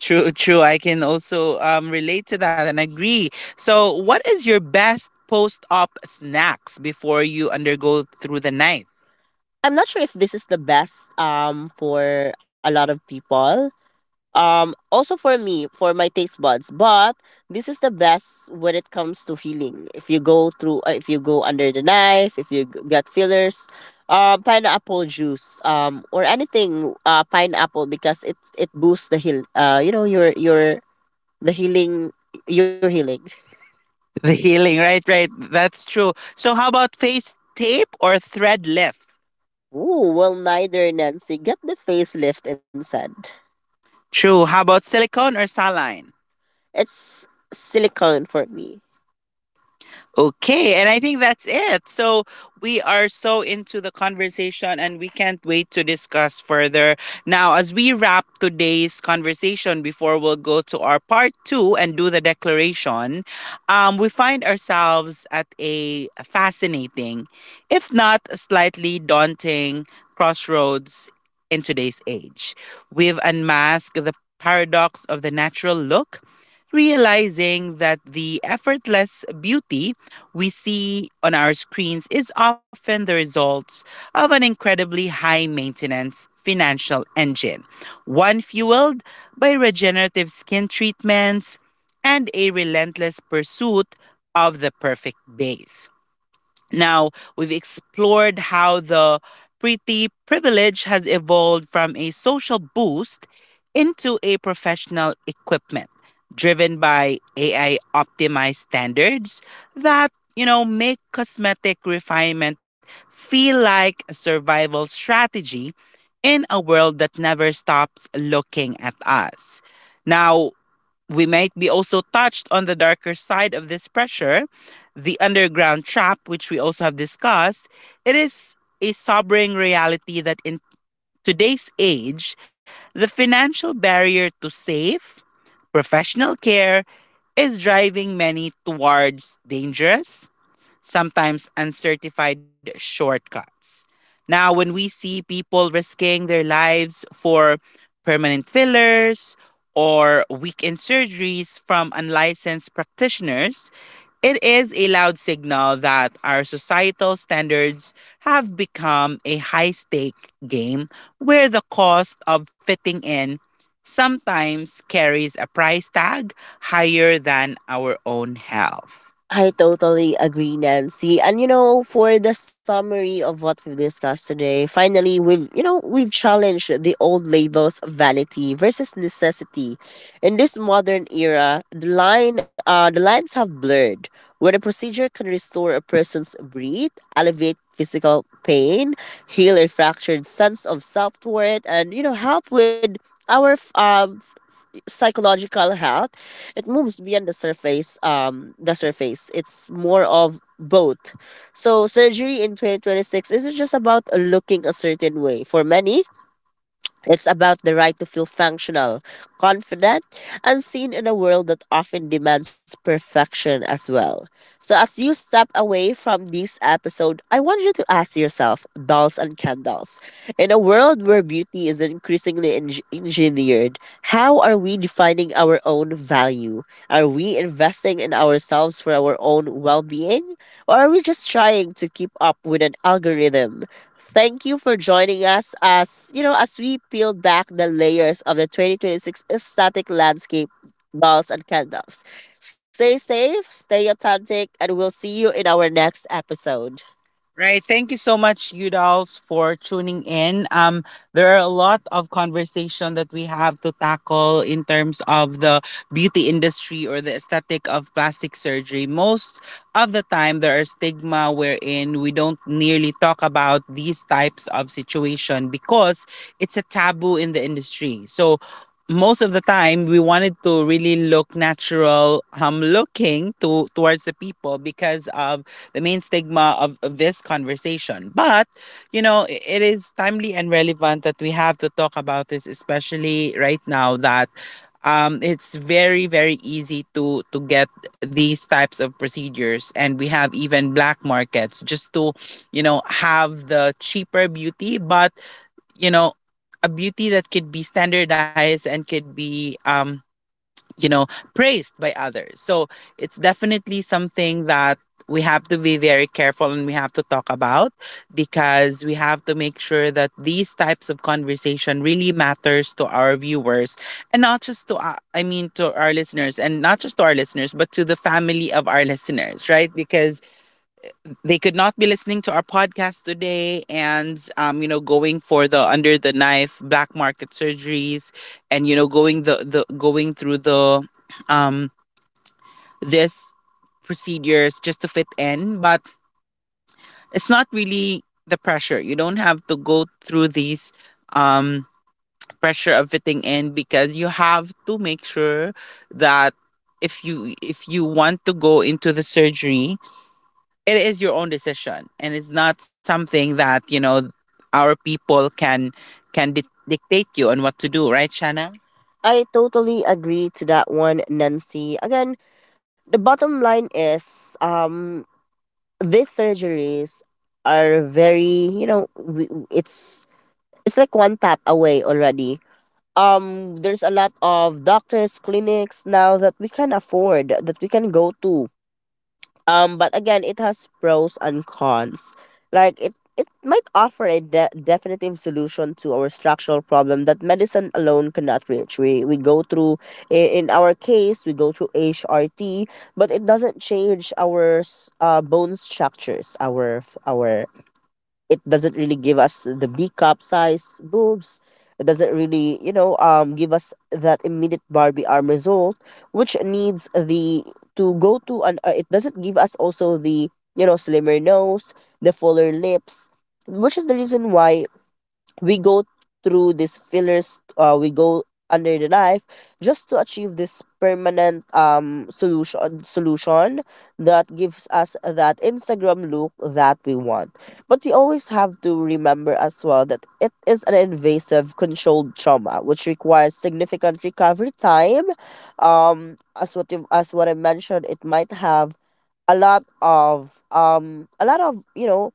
S2: True, true. I can also um relate to that and agree. So, what is your best post-op snacks before you undergo through the night? I'm not sure if this is the best um for a lot of people, um, also for me, for my taste buds, but this is the best when it comes to healing. If you go through, uh, if you go under the knife, if you g- get fillers, uh, pineapple juice, um, or anything, uh, pineapple, because it it boosts the heal. Uh, you know your your the healing, your healing. The healing, right, right. That's true. So how about face tape or thread lift? Ooh, well, neither, Nancy. Get the facelift instead. True. How about silicone or saline? It's silicone for me. Okay, and I think that's it. So we are so into the conversation and we can't wait to discuss further. Now, as we wrap today's conversation before we'll go to our part two and do the declaration, um, we find ourselves at a fascinating, if not slightly daunting, crossroads in today's age. We've unmasked the paradox of the natural look, realizing that the effortless beauty we see on our screens is often the result of an incredibly high maintenance financial engine, one fueled by regenerative skin treatments and a relentless pursuit of the perfect base. Now, we've explored how the pretty privilege has evolved from a social boost into a professional equipment driven by A I optimized standards that, you know, make cosmetic refinement feel like a survival strategy in a world that never stops looking at us. Now, we might be also touched on the darker side of this pressure, the underground trap, which we also have discussed. It is a sobering reality that in today's age, the financial barrier to safe, professional care is driving many towards dangerous, sometimes uncertified shortcuts. Now, when we see people risking their lives for permanent fillers or weekend surgeries from unlicensed practitioners, it is a loud signal that our societal standards have become a high stake game where the cost of fitting in sometimes carries a price tag higher than our own health. I totally agree, Nancy. And you know, for the summary of what we've discussed today, finally we've you know, we've challenged the old labels of vanity versus necessity. In this modern era, the line uh the lines have blurred, where a procedure can restore a person's breath, alleviate physical pain, heal a fractured sense of self worth, and, you know, help with our um psychological health. It moves beyond the surface um the surface. It's more of both. So surgery in twenty twenty-six isn't just about looking a certain way. For many, it's about the right to feel functional, confident, and seen in a world that often demands perfection as well. So, as you step away from this episode, I want you to ask yourself, dolls and candles, in a world where beauty is increasingly eng- engineered, how are we defining our own value? Are we investing in ourselves for our own well being? Or are we just trying to keep up with an algorithm? Thank you for joining us as, you know, as we peeled back the layers of the twenty twenty-six aesthetic landscape, balls and candles. Stay safe, stay authentic, and we'll see you in our next episode. Right. Thank you so much, Udals, for tuning in. Um, there are a lot of conversation that we have to tackle in terms of the beauty industry or the aesthetic of plastic surgery. Most of the time, there are stigma wherein we don't nearly talk about these types of situation because it's a taboo in the industry. So most of the time we wanted to really look natural, um looking to towards the people because of the main stigma of, of this conversation. But, you know, i- it is timely and relevant that we have to talk about this, especially right now that um, it's very, very easy to, to get these types of procedures. And we have even black markets just to, you know, have the cheaper beauty, but, you know, a beauty that could be standardized and could be um, you know, praised by others. So it's definitely something that we have to be very careful and we have to talk about, because we have to make sure that these types of conversation really matters to our viewers and not just to uh, I mean to our listeners, and not just to our listeners but to the family of our listeners, right? Because they could not be listening to our podcast today and um, you know going for the under the knife black market surgeries, and you know going the, the going through the um this procedures just to fit in. But it's not really the pressure, you don't have to go through these um pressure of fitting in, because you have to make sure that if you if you want to go into the surgery, it is your own decision and it's not something that you know our people can can di- dictate you on what to do, right Shanna? I totally agree to that one, Nancy. Again, the bottom line is um these surgeries are very, you know, w- w- it's it's like one tap away already. Um there's a lot of doctors clinics now that we can afford, that we can go to, um, but again, it has pros and cons. Like it, it might offer a de- definitive solution to our structural problem that medicine alone cannot reach. We we go through, in, in our case, we go through H R T, but it doesn't change our s- uh, bone structures, our f- our it doesn't really give us the B cup size boobs. It doesn't really, you know, um, give us that immediate Barbie arm result, which needs the to go to an. Uh, it doesn't give us also the you know slimmer nose, the fuller lips, which is the reason why we go through these fillers, uh, we go under the knife just to achieve this permanent um solution solution that gives us that Instagram look that we want. But we always have to remember as well that it is an invasive controlled trauma which requires significant recovery time. Um as what you, as what I mentioned, it might have a lot of um a lot of you know,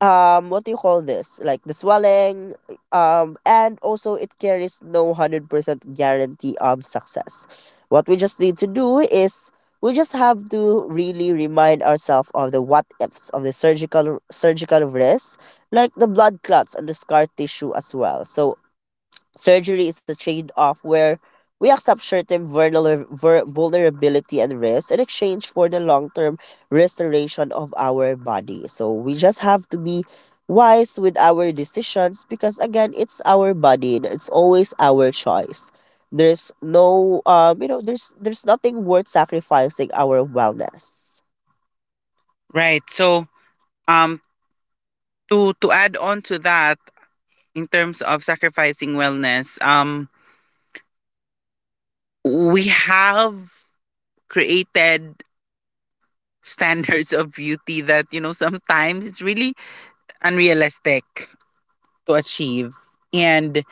S2: um what do you call this, like the swelling, um and also it carries no one hundred percent guarantee of success. What we just need to do is, we just have to really remind ourselves of the what ifs, of the surgical surgical risk, like the blood clots and the scar tissue as well. So surgery is a trade-off where we accept short-term vulner- vul- vulnerability and risk in exchange for the long-term restoration of our body. So we just have to be wise with our decisions, because again, it's our body and it's always our choice. There's no um you know there's there's nothing worth sacrificing our wellness. Right. So, um, to to add on to that, in terms of sacrificing wellness, um, we have created standards of beauty that you know sometimes it's really unrealistic to achieve. And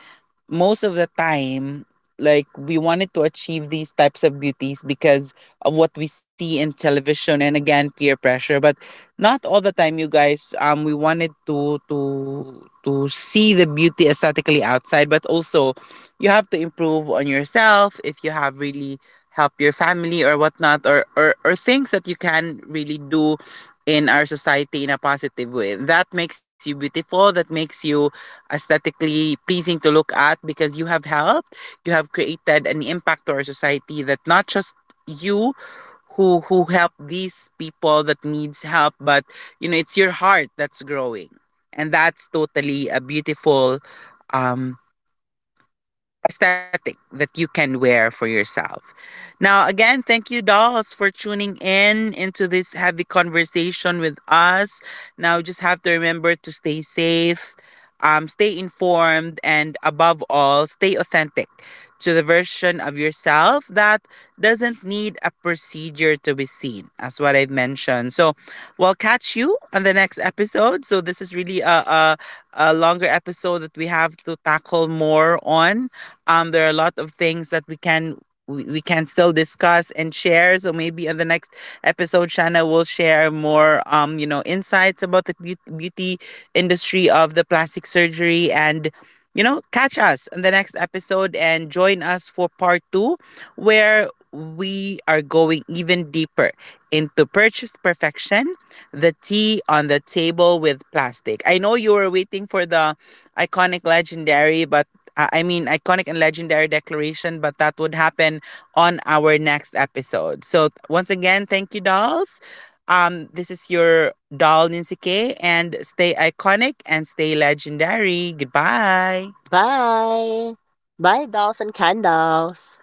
S2: most of the time, like we wanted to achieve these types of beauties because of what we see in television, and again peer pressure. But not all the time, you guys, um we wanted to to to see the beauty aesthetically outside, but also you have to improve on yourself, if you have really help your family or whatnot, or or, or things that you can really do in our society in a positive way that makes you beautiful, that makes you aesthetically pleasing to look at, because you have helped, you have created an impact to our society, that not just you, who who help these people that needs help, but you know, it's your heart that's growing. And that's totally a beautiful um aesthetic that you can wear for yourself. Now, again, thank you, dolls, for tuning in into this heavy conversation with us. Now, just have to remember to stay safe, um, stay informed, and above all, stay authentic to the version of yourself that doesn't need a procedure to be seen, as what I've mentioned. So, we'll catch you on the next episode. So, this is really a, a a longer episode that we have to tackle more on. Um, there are a lot of things that we can, we we can still discuss and share. So maybe in the next episode, Shanna will share more, um, you know, insights about the beau- beauty industry of the plastic surgery and. You know, catch us in the next episode and join us for part two, where we are going even deeper into Purchase Perfection, the tea on the table with plastic. I know you were waiting for the iconic legendary, but uh, I mean, iconic and legendary declaration, but that would happen on our next episode. So, th- once again, thank you, dolls. Um, this is your doll, Nincy K, and stay iconic and stay legendary. Goodbye. Bye. Bye, dolls and candles.